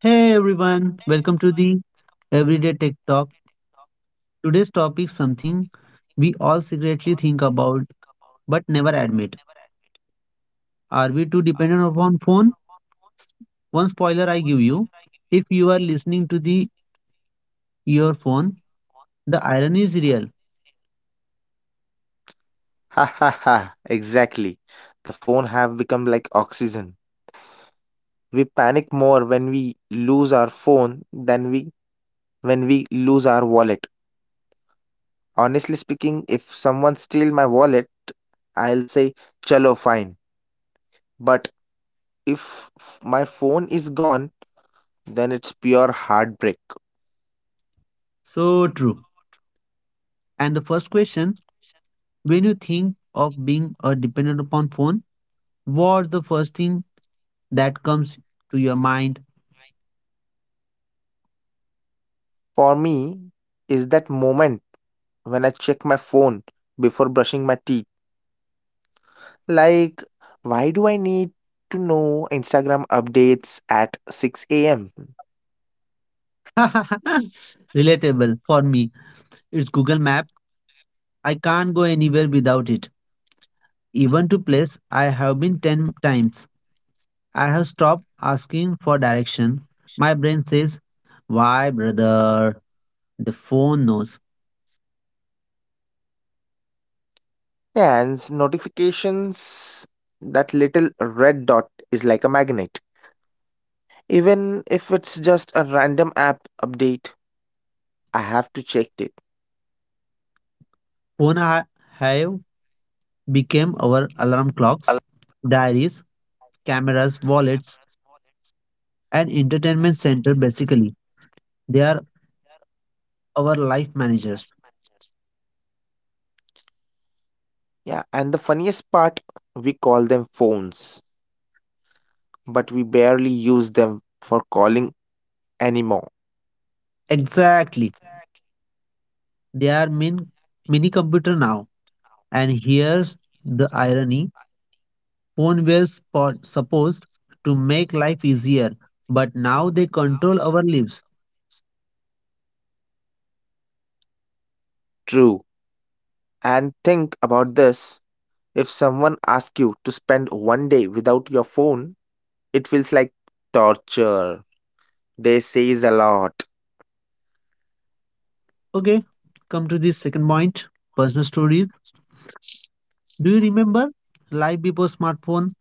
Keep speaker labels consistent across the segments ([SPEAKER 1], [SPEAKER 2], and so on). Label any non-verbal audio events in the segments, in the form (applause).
[SPEAKER 1] Hey everyone, welcome to the Everyday Tech Talk. Today's topic something we all secretly think about but never admit. Are we too dependent upon phone? One spoiler I give you, if you are listening to the your phone, the irony is real.
[SPEAKER 2] Ha ha ha, exactly. The phone have become like oxygen. We panic more when we lose our phone than we when we lose our wallet. Honestly speaking, if someone steal my wallet, I'll say chalo fine. But if my phone is gone, then it's pure heartbreak.
[SPEAKER 1] So true. And the first question, when you think of being a dependent upon phone, what's the first thing that comes to your mind?
[SPEAKER 2] For me, is that moment when I check my phone before brushing my teeth. Like, why do I need to know Instagram updates at 6 a.m.?
[SPEAKER 1] (laughs) Relatable for me. It's Google Map. I can't go anywhere without it. Even to place I have been 10 times. I have stopped asking for direction. My brain says, "Why, brother?" The phone knows.
[SPEAKER 2] And notifications, that little red dot is like a magnet. Even if it's just a random app update, I have to check it.
[SPEAKER 1] Phone ha- have become our alarm clocks, diaries, cameras, wallets, and entertainment center basically. They are our life managers.
[SPEAKER 2] Yeah, and the funniest part, we call them phones, but we barely use them for calling anymore.
[SPEAKER 1] Exactly. They are min- mini computer now. And here's the irony. Supposed to make life easier, but now they control our lives.
[SPEAKER 2] True. And think about this, if someone asks you to spend one day without your phone, it feels like torture. They says a lot.
[SPEAKER 1] Okay, come to the second point personal stories. Do you remember life before smartphone?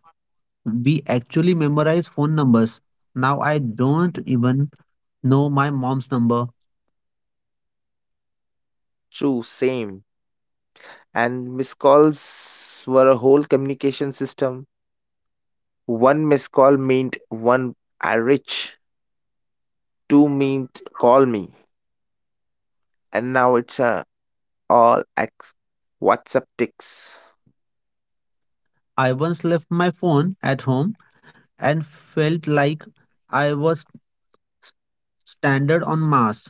[SPEAKER 1] We actually memorize phone numbers. Now I don't even know my mom's number.
[SPEAKER 2] True, same. And missed calls were a whole communication system. One missed call meant one are rich. Two meant call me. And now it's a all ex WhatsApp ticks.
[SPEAKER 1] I once left my phone at home and felt like I was s- stranded on Mars.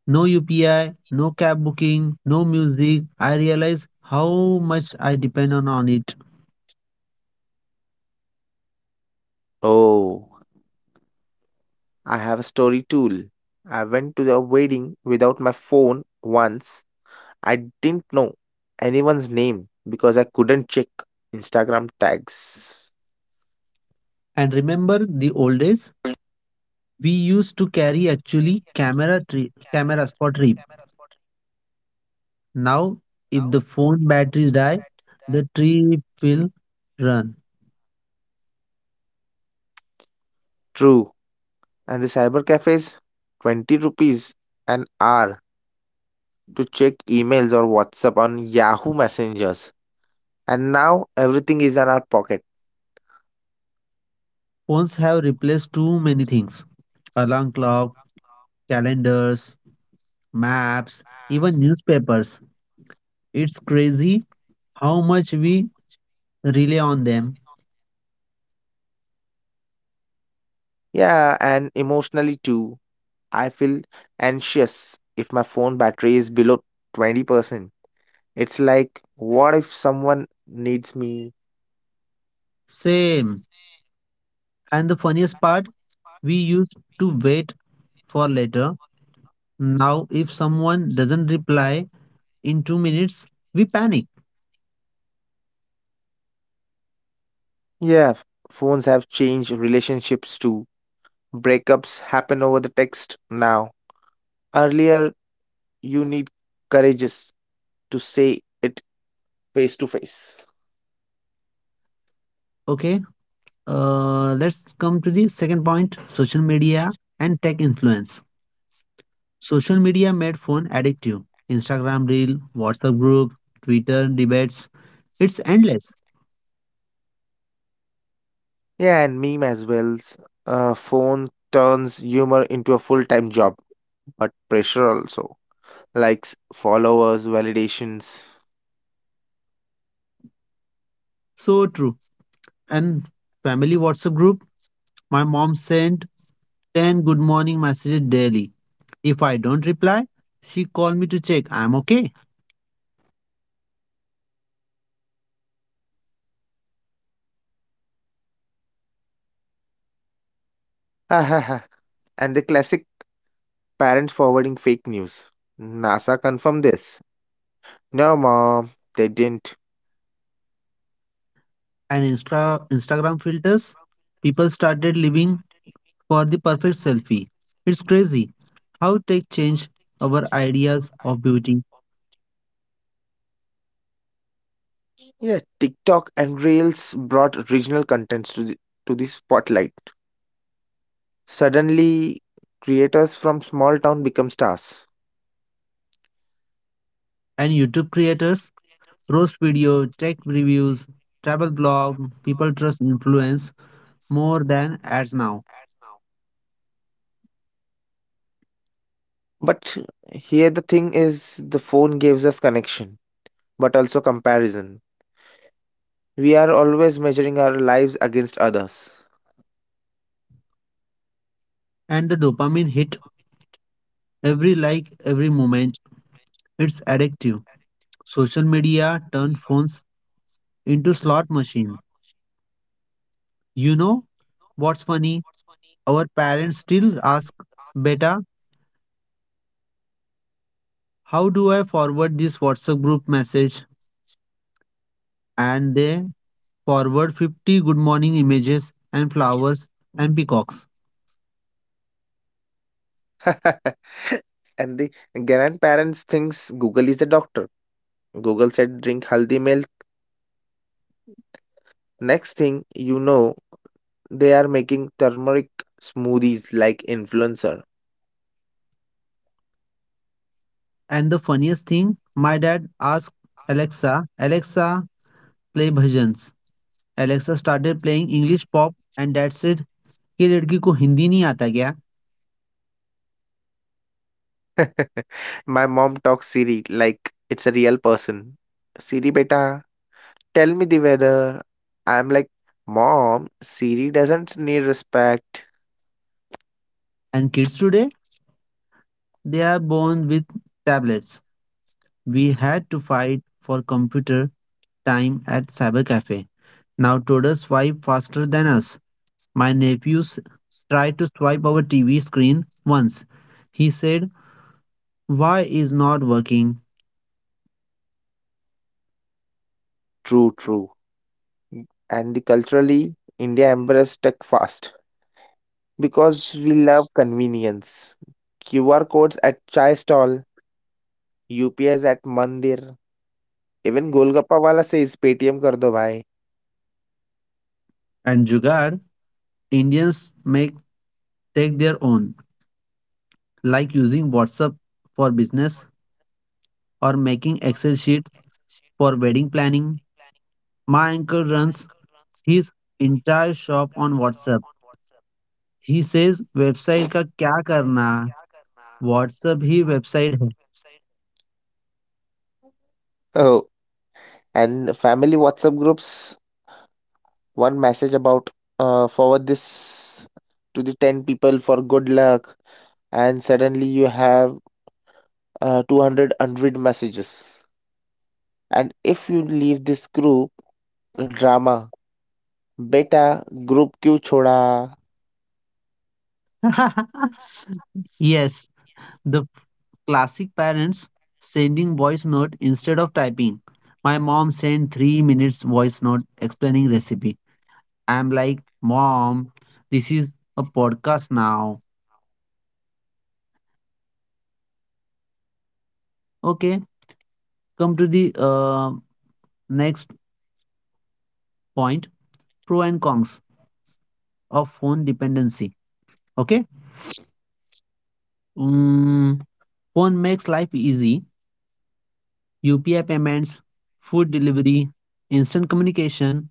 [SPEAKER 1] No UPI, no cab booking, no music. I realize how much I depend on it.
[SPEAKER 2] Oh, I have a story tool. I went to the wedding without my phone once. I didn't know anyone's name because I couldn't check Instagram tags.
[SPEAKER 1] And remember the old days? We used to carry actually camera tri- cameras for trip. Now, if the phone batteries die, the trip will run.
[SPEAKER 2] True. And the cyber cafes, 20 rupees an hour to check emails or WhatsApp on Yahoo Messengers. And now everything is in our pocket.
[SPEAKER 1] Phones have replaced too many things. Alarm clock, calendars, maps, even newspapers. It's crazy how much we rely on them.
[SPEAKER 2] Yeah, and emotionally too. I feel anxious if my phone battery is below 20%. It's like, what if someone needs me?
[SPEAKER 1] Same. And the funniest part, we used to wait for later. Now, if someone doesn't reply in 2 minutes, we panic.
[SPEAKER 2] Yeah, phones have changed relationships too. Breakups happen over the text now. Earlier, you need courageous to say it face to face.
[SPEAKER 1] Okay, let's come to the second point social media and tech influence. Social media made phone addictive. Instagram reel, WhatsApp group, Twitter debates. It's endless.
[SPEAKER 2] Yeah, and meme as well. Phone turns humor into a full-time job, but pressure also. Likes, followers, validations. (laughs)
[SPEAKER 1] So true. And family WhatsApp group, my mom sent 10 good morning messages daily. If I don't reply, she called me to check I'm okay.
[SPEAKER 2] Ha ha ha. And the classic parents forwarding fake news. NASA confirmed this. No, mom, they didn't.
[SPEAKER 1] Instagram filters, people started living for the perfect selfie. It's crazy how tech changed our ideas of beauty.
[SPEAKER 2] Yeah, TikTok and Reels brought regional contents to the spotlight. Suddenly, creators from small town become stars.
[SPEAKER 1] And YouTube creators, roast video, tech reviews, travel blog, people trust influence more than ads now.
[SPEAKER 2] But here the thing is, the phone gives us connection but also comparison. We are always measuring our lives against others.
[SPEAKER 1] And the dopamine hit every like, every moment. It's addictive. Social media turned phones into slot machine. You know what's funny? Our parents still ask, Beta, how do I forward this WhatsApp group message? And they forward 50 good morning images and flowers and peacocks.
[SPEAKER 2] (laughs) And the grandparents thinks Google is a doctor. Google said drink healthy milk. Next thing you know, they are making turmeric smoothies like influencer.
[SPEAKER 1] And the funniest thing, my dad asked Alexa, Alexa, play bhajans. Alexa started playing English pop and dad said, ये लड़की को हिंदी नहीं आता क्या?
[SPEAKER 2] (laughs) My mom talks Siri like it's a real person. Siri beta, tell me the weather. I'm like, Mom, Siri doesn't need respect.
[SPEAKER 1] And kids today, they are born with tablets. We had to fight for computer time at cyber cafe. Now toddlers swipe faster than us. My nephews tried to swipe our TV screen once. He said, "Why is not working?"
[SPEAKER 2] True, true. And the culturally, India embraced tech fast because we love convenience. QR codes at chai stall, UPIs at mandir, even Golgappa wala says Paytm kar do bhai.
[SPEAKER 1] And Jugaad, Indians make take their own, like using WhatsApp for business or making Excel sheets for wedding planning. My uncle runs his entire shop on WhatsApp. He says, "Website का क्या करना WhatsApp ही website है।"
[SPEAKER 2] Oh, and family WhatsApp groups, one message about forward this to the 10 people for good luck and suddenly you have 200 unread messages. And if you leave this group, drama Beta, Group Q Choda.
[SPEAKER 1] (laughs) Yes, the classic parents sending voice note instead of typing. My mom sent 3 minutes voice note explaining recipe. I'm like, "Mom, this is a podcast now." Okay, come to the uh, next point, pro and cons of phone dependency. Okay? Mm, Phone makes life easy. UPI payments, food delivery, instant communication,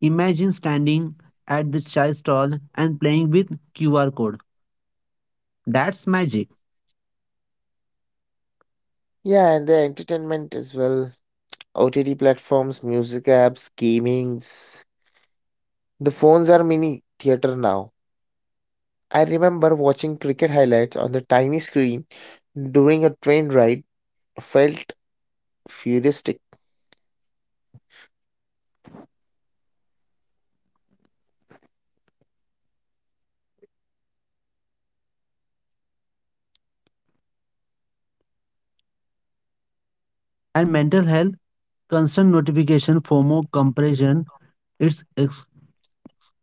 [SPEAKER 1] Imagine standing at the chai stall and playing with QR code. That's magic.
[SPEAKER 2] Yeah, and the entertainment as well. OTT platforms, music apps, gamings. The phones are mini theater now. I remember watching cricket highlights on the tiny screen during a train ride. Felt futuristic.
[SPEAKER 1] And mental health, constant notification, FOMO, comparison. It's ex-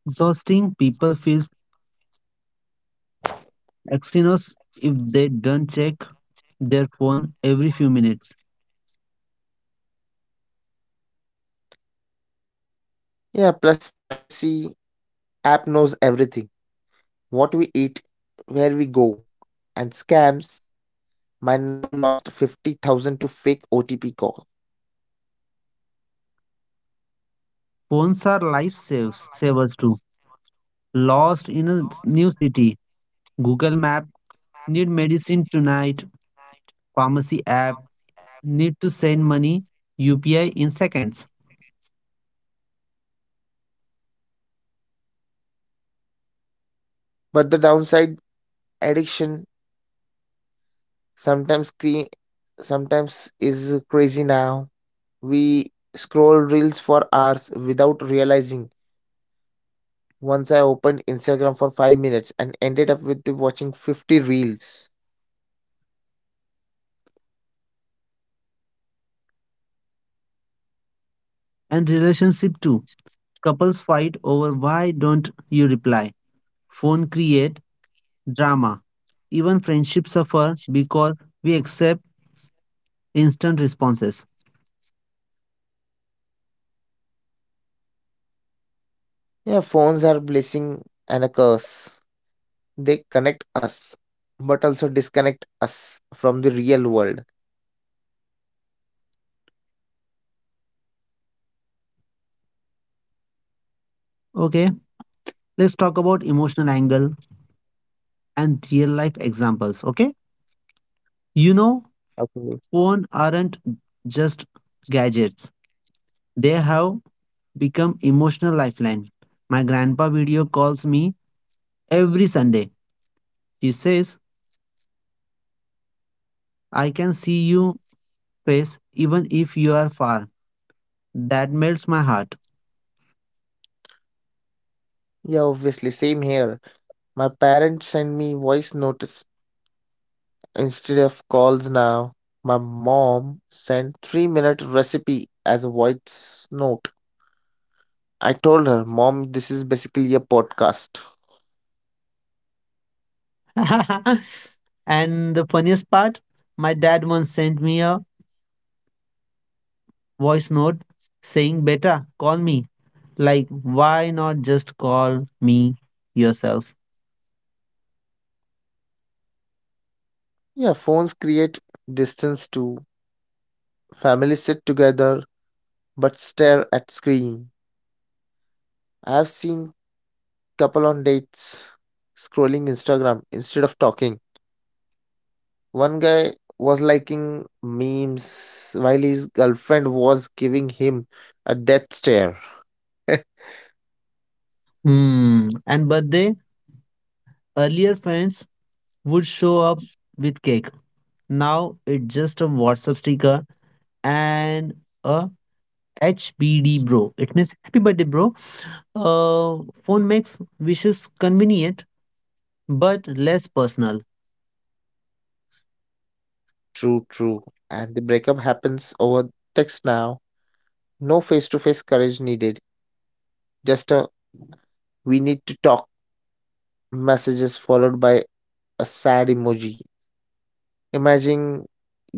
[SPEAKER 1] exhausting. People feel anxious if they don't check their phone every few minutes.
[SPEAKER 2] Yeah, plus privacy app knows everything, what we eat, where we go, and scams. My neighbor lost 50,000 to fake OTP call.
[SPEAKER 1] Phones are life saves, savers too. Lost in a s- new city. Google Map. Need medicine tonight. Pharmacy app. Need to send money. UPI in seconds.
[SPEAKER 2] But the downside, addiction sometimes cre- sometimes is crazy now. We scroll reels for hours without realizing. Once I opened Instagram for 5 minutes and ended up with watching 50 reels.
[SPEAKER 1] And relationship too Couples fight over why don't you reply. Phone create drama. Even friendships suffer because we accept instant responses.
[SPEAKER 2] Yeah, phones are blessing and a curse. They connect us but also disconnect us from the real world.
[SPEAKER 1] Okay, let's talk about emotional angle and real life examples. Okay, you know,
[SPEAKER 2] How?
[SPEAKER 1] phone aren't just gadgets. They have become emotional lifeline. My grandpa video calls me every Sunday. He says, I can see you face even if you are far. That melts my heart.
[SPEAKER 2] Yeah, obviously, same here. My parents send me voice notice instead of calls now. My mom sent 3-minute recipe as a voice note. I told her, Mom, this is basically a podcast.
[SPEAKER 1] (laughs) and the funniest part, my dad once sent me a voice note saying, Beta, call me. Like, why not just call me yourself?
[SPEAKER 2] Yeah, phones create distance too. Families sit together but stare at screen. I've seen couple on dates scrolling Instagram instead of talking. One guy was liking memes while his girlfriend was giving him a death stare. (laughs)
[SPEAKER 1] Hmm. And birthday, earlier friends would show up with cake. Now it's just a WhatsApp sticker and a HBD bro. It means happy birthday, bro. Phone makes wishes convenient but less personal.
[SPEAKER 2] True, true. And the breakup happens over text now. No face to face courage needed. Just a we need to talk messages followed by a sad emoji. Imagine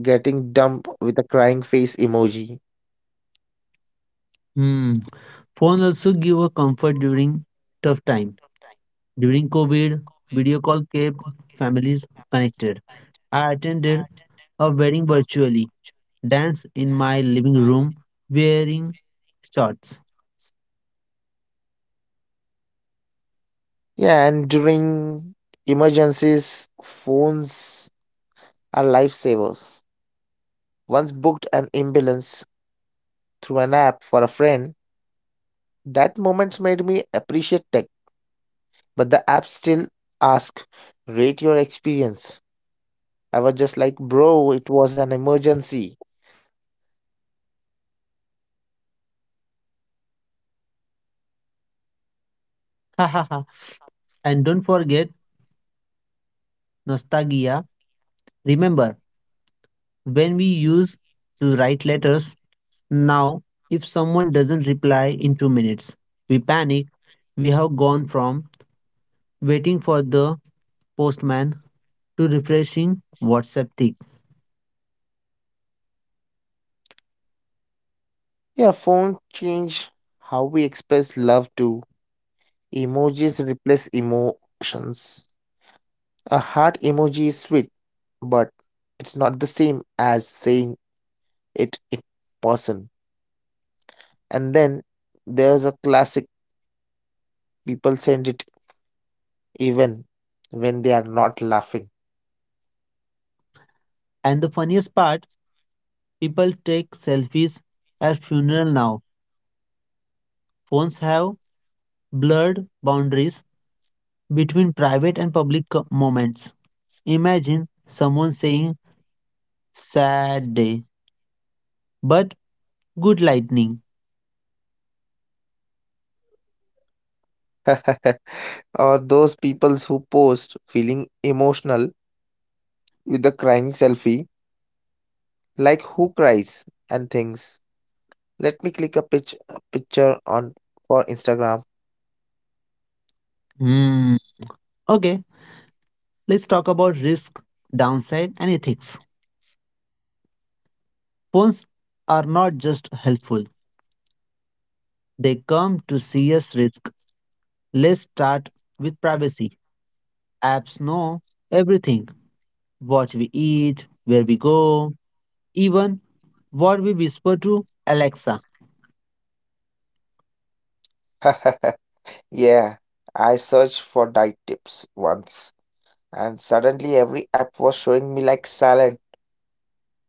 [SPEAKER 2] getting dumped with a crying face emoji.
[SPEAKER 1] Hmm. Phone also give a comfort during tough time. During COVID, video call kept families connected. I attended a wedding virtually, dance in my living room wearing shorts. (laughs)
[SPEAKER 2] Yeah, and during emergencies, phones are lifesavers. Once booked an ambulance through an app for a friend, that moment made me appreciate tech. But the app still asked, rate your experience. I was just like, bro, it was an emergency.
[SPEAKER 1] Ha ha ha. And don't forget nostalgia. Remember when we used to write letters now, if someone doesn't reply in 2 minutes, we panic. We have gone from waiting for the postman to refreshing WhatsApp tick.
[SPEAKER 2] Yeah, phone changed how we express love too. Emojis replace emotions. A heart emoji is sweet, but it's not the same as saying it in person. And then there's a classic people send it even when they are not laughing.
[SPEAKER 1] And the funniest part, people take selfies at funeral now. Phones have blurred boundaries between private and public co- moments. Imagine someone saying sad day, but good lightning.
[SPEAKER 2] (laughs) Or those people who post feeling emotional with the crying selfie, like who cries and thinks, let me click a picture on for Instagram.
[SPEAKER 1] Hmm. Okay, let's talk about risk, downside, and ethics. Phones are not just helpful, they come to serious risk Let's start with privacy. Apps know everything what we eat, where we go, even what we whisper to Alexa.
[SPEAKER 2] (laughs) Yeah, I searched for diet tips once, and suddenly every app was showing me like salad.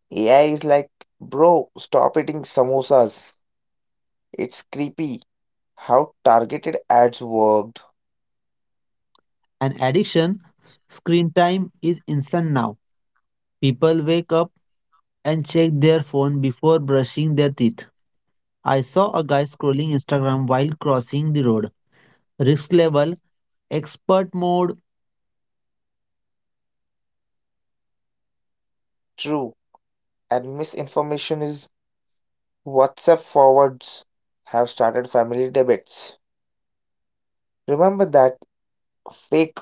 [SPEAKER 2] AI is like, bro, stop eating samosas. It's creepy how targeted ads worked.
[SPEAKER 1] An addiction, screen time is instant now. People wake up and check their phone before brushing their teeth. I saw a guy scrolling Instagram while crossing the road. Risk level, expert mode.
[SPEAKER 2] True, and misinformation is WhatsApp forwards have started family debates. Remember that fake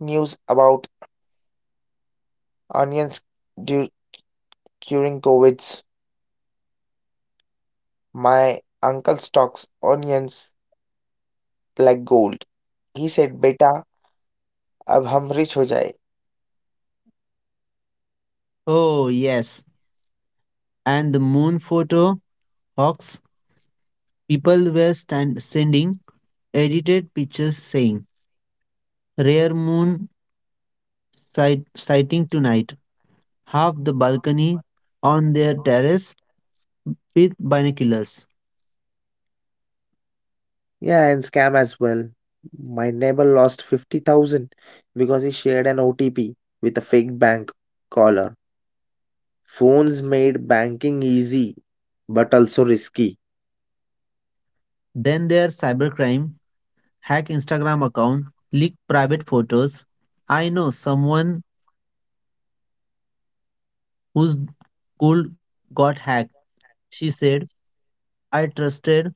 [SPEAKER 2] news about onions du- during COVIDs? My uncle stocks onions like gold. He said, Beta, ab hum rich ho jaye.
[SPEAKER 1] Oh, yes. And the moon photo hawks people were stand- sending edited pictures saying, Rare moon sighting tonight. Half the balcony on their terrace with binoculars.
[SPEAKER 2] Yeah, and scam as well. My neighbor lost 50,000 because he shared an OTP with a fake bank caller. Phones made banking easy but also risky.
[SPEAKER 1] Then their cybercrime, hack Instagram account, leak private photos. I know someone whose school got hacked. She said, I trusted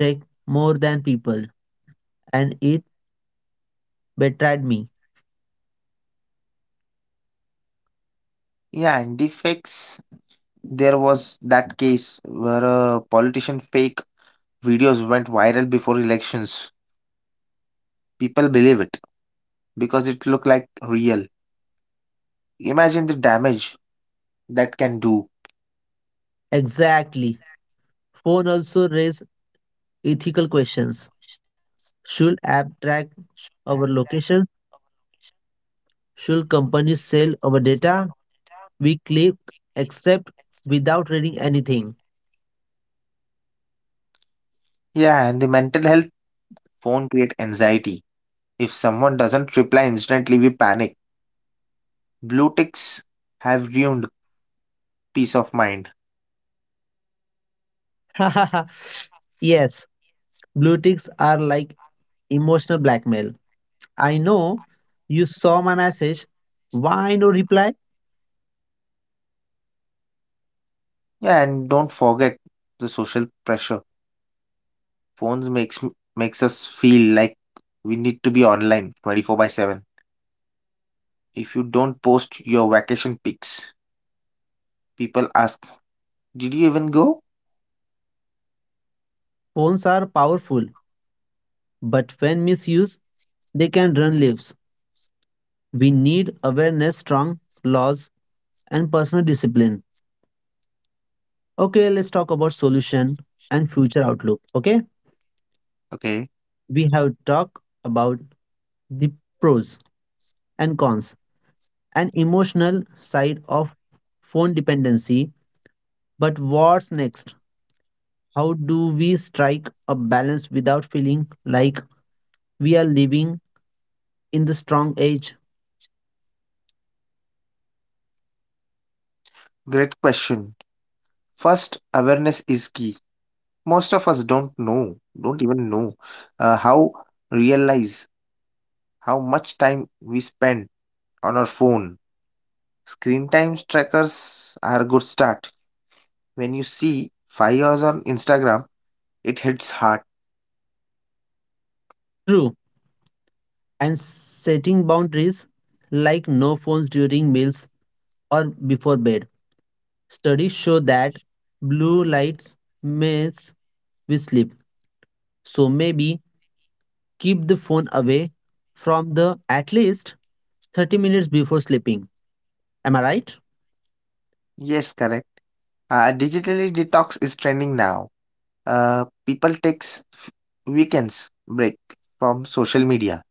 [SPEAKER 1] tech more than people and it betrayed me.
[SPEAKER 2] Yeah, and defects. There was that case where a politician fake videos went viral before elections. People believe it because it looked like real. Imagine the damage that can do.
[SPEAKER 1] Exactly. Phone also raise ethical questions. Should app track our location? Should companies sell our data? We click accept without reading anything.
[SPEAKER 2] Yeah, and the mental health phone create anxiety. If someone doesn't reply instantly, we panic. Blue ticks have ruined peace of mind.
[SPEAKER 1] (laughs) yes, blue ticks are like emotional blackmail. I know you saw my message. Why no reply?
[SPEAKER 2] Yeah, and don't forget the social pressure. Phones makes us feel like we need to be online 24 by 7. If you don't post your vacation pics, people ask, did you even go?
[SPEAKER 1] Phones are powerful, but when misused, they can run lives. We need awareness, strong laws, and personal discipline. Okay, let's talk about solution and future outlook. Okay,
[SPEAKER 2] Okay,
[SPEAKER 1] we have talked about the pros and cons an emotional side of phone dependency but what's next how do we strike a balance without feeling like we are living in the strong age
[SPEAKER 2] great question. First, awareness is key. Most of us don't even know how realize how much time we spend on our phone. Screen time trackers are a good start. When you see 5 hours on Instagram, it hits hard.
[SPEAKER 1] true and setting boundaries like no phones during meals or before bed studies show that blue lights mess with sleep so maybe keep the phone away from the at least 30 minutes before sleeping am I right
[SPEAKER 2] Yes, correct. Digitally detox is trending now, people takes weekends break from social media.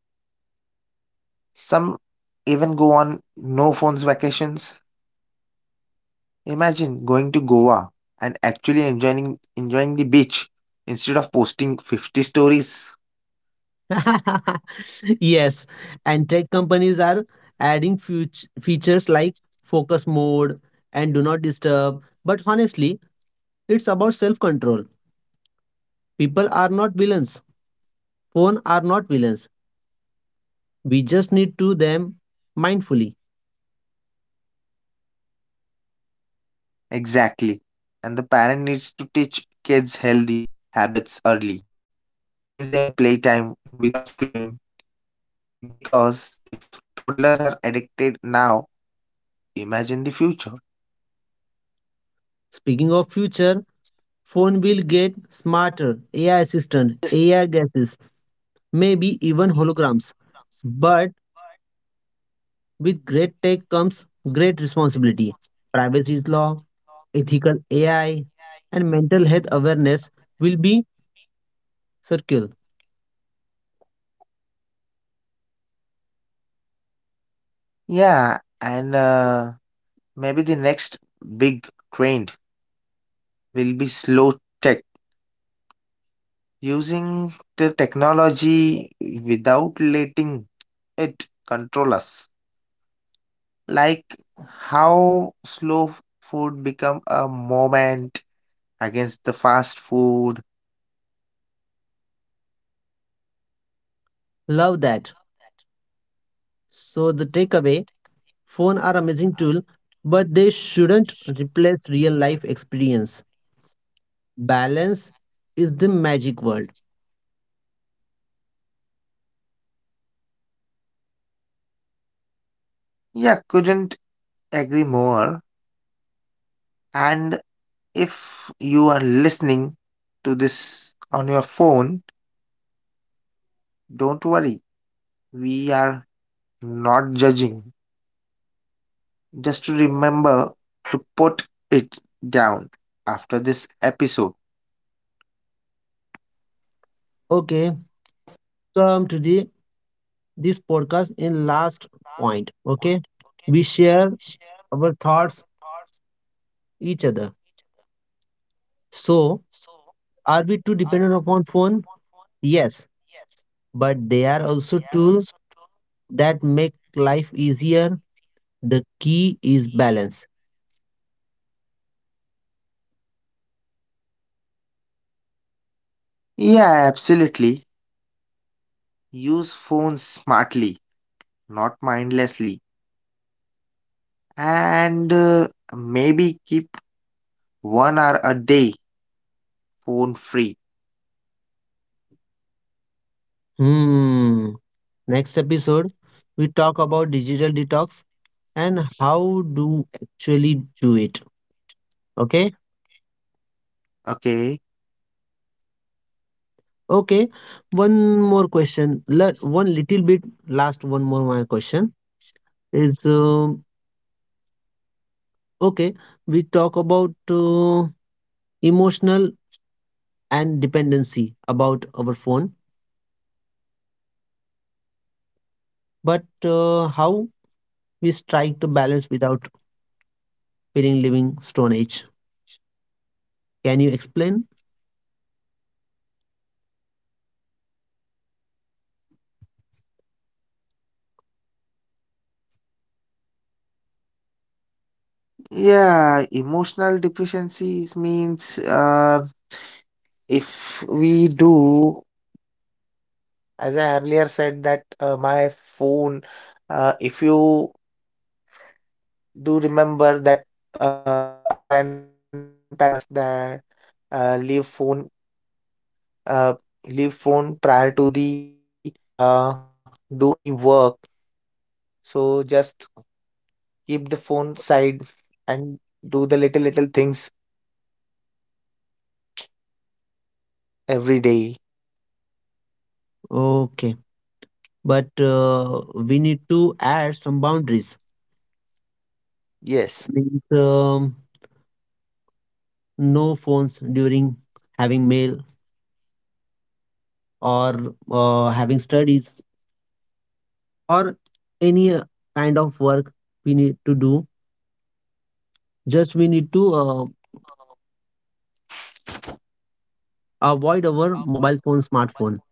[SPEAKER 2] Some even go on no phones vacations. Imagine going to Goa and actually enjoying the beach instead of posting 50 stories.
[SPEAKER 1] (laughs) Yes, and tech companies are adding features like focus mode and do not disturb. But honestly, it's about self control. People are not villains. Phone are not villains. We just need to them mindfully.
[SPEAKER 2] Exactly. And the parent needs to teach kids healthy habits early. Give them playtime without screen because if toddlers are addicted now, imagine the future.
[SPEAKER 1] Speaking of future, phone will get smarter, AI assistant, AI glasses, maybe even holograms. But With great tech comes great responsibility. Privacy law, ethical AI, and mental health awareness will be circular.
[SPEAKER 2] Yeah, and maybe the next big trend will be slow tech, using the technology without letting it control us. Like how slow food become a moment against the fast food.
[SPEAKER 1] Love that. So the takeaway, phone are amazing tool, but they shouldn't replace real life experience. Balance is the magic word.
[SPEAKER 2] Yeah, couldn't agree more. And if you are listening to this on your phone, don't worry. We are not judging. Just to remember to put it down after this episode.
[SPEAKER 1] Okay, come to the this podcast in last point. Okay, we share our thoughts each other. So are we too dependent upon phone? Yes, but they are also tools that make life easier. The key is balance.
[SPEAKER 2] Yeah, absolutely. Use phones smartly, not mindlessly. And maybe keep 1 hour a day phone free.
[SPEAKER 1] Hmm. Next episode, we talk about digital detox and how do actually do it. Okay.
[SPEAKER 2] Okay.
[SPEAKER 1] Okay. One more question. Let one little bit. Last one more my question is okay. We talk about emotional and dependency about our phone, but how we strike the balance without feeling living stone age. Can you explain?
[SPEAKER 2] Yeah, emotional deficiencies means if we do, as I earlier said, that my phone, if you do remember that our grandparent told us that uh, leave phone uh, leave phone prior to the uh, do any work, so just keep the phone side and do the little little things every day.
[SPEAKER 1] Okay, but we need to add some boundaries.
[SPEAKER 2] Yes.
[SPEAKER 1] Means no phones during having mail or having studies or any kind of work we need to do. Just we need to avoid our mobile phone, smartphone,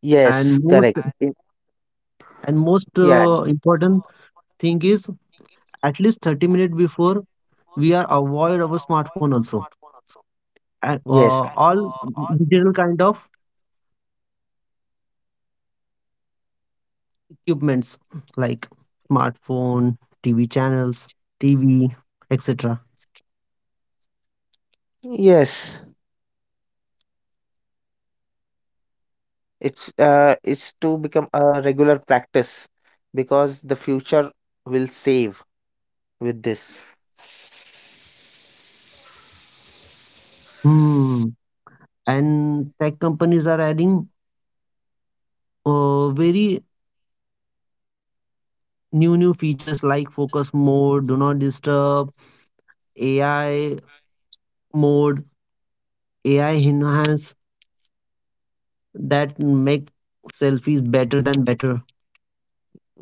[SPEAKER 2] Yes,
[SPEAKER 1] and most
[SPEAKER 2] correct.
[SPEAKER 1] and most
[SPEAKER 2] Yeah.
[SPEAKER 1] important thing is at least 30 minutes before we are avoid our smartphone also and
[SPEAKER 2] Yes.
[SPEAKER 1] all digital kind of equipments like smartphone, TV channels, TV, etc.
[SPEAKER 2] Yes, it's to become a regular practice because the future will save with this.
[SPEAKER 1] Hmm. And tech companies are adding very new new features like focus mode, do not disturb, AI mode, AI enhance that make selfies better than better.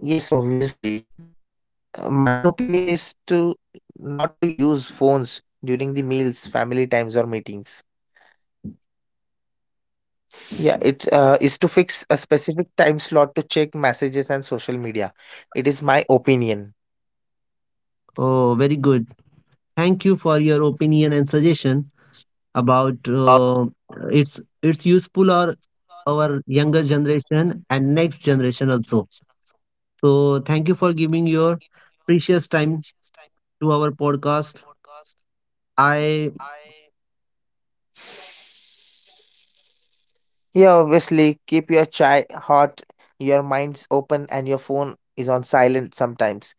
[SPEAKER 2] Yes, obviously. My opinion is to not to use phones during the meals, family times, or meetings. Yeah, it is to fix a specific time slot to check messages and social media. It is my opinion.
[SPEAKER 1] Oh, very good. Thank you for your opinion and suggestion. About it's useful or our younger generation and next generation also. So thank you for giving your precious time to our podcast. I
[SPEAKER 2] Yeah, obviously, keep your chai hot, your mind's open, and your phone is on silent sometimes.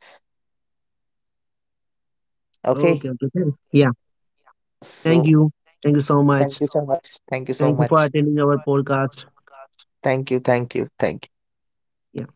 [SPEAKER 2] Okay,
[SPEAKER 1] okay okay thank- yeah thank
[SPEAKER 2] so
[SPEAKER 1] you thank you so
[SPEAKER 2] thank
[SPEAKER 1] much.
[SPEAKER 2] you so much. Thank you so
[SPEAKER 1] Thank you for
[SPEAKER 2] much.
[SPEAKER 1] attending our podcast.
[SPEAKER 2] Thank you, thank you, thank you.
[SPEAKER 1] Yeah.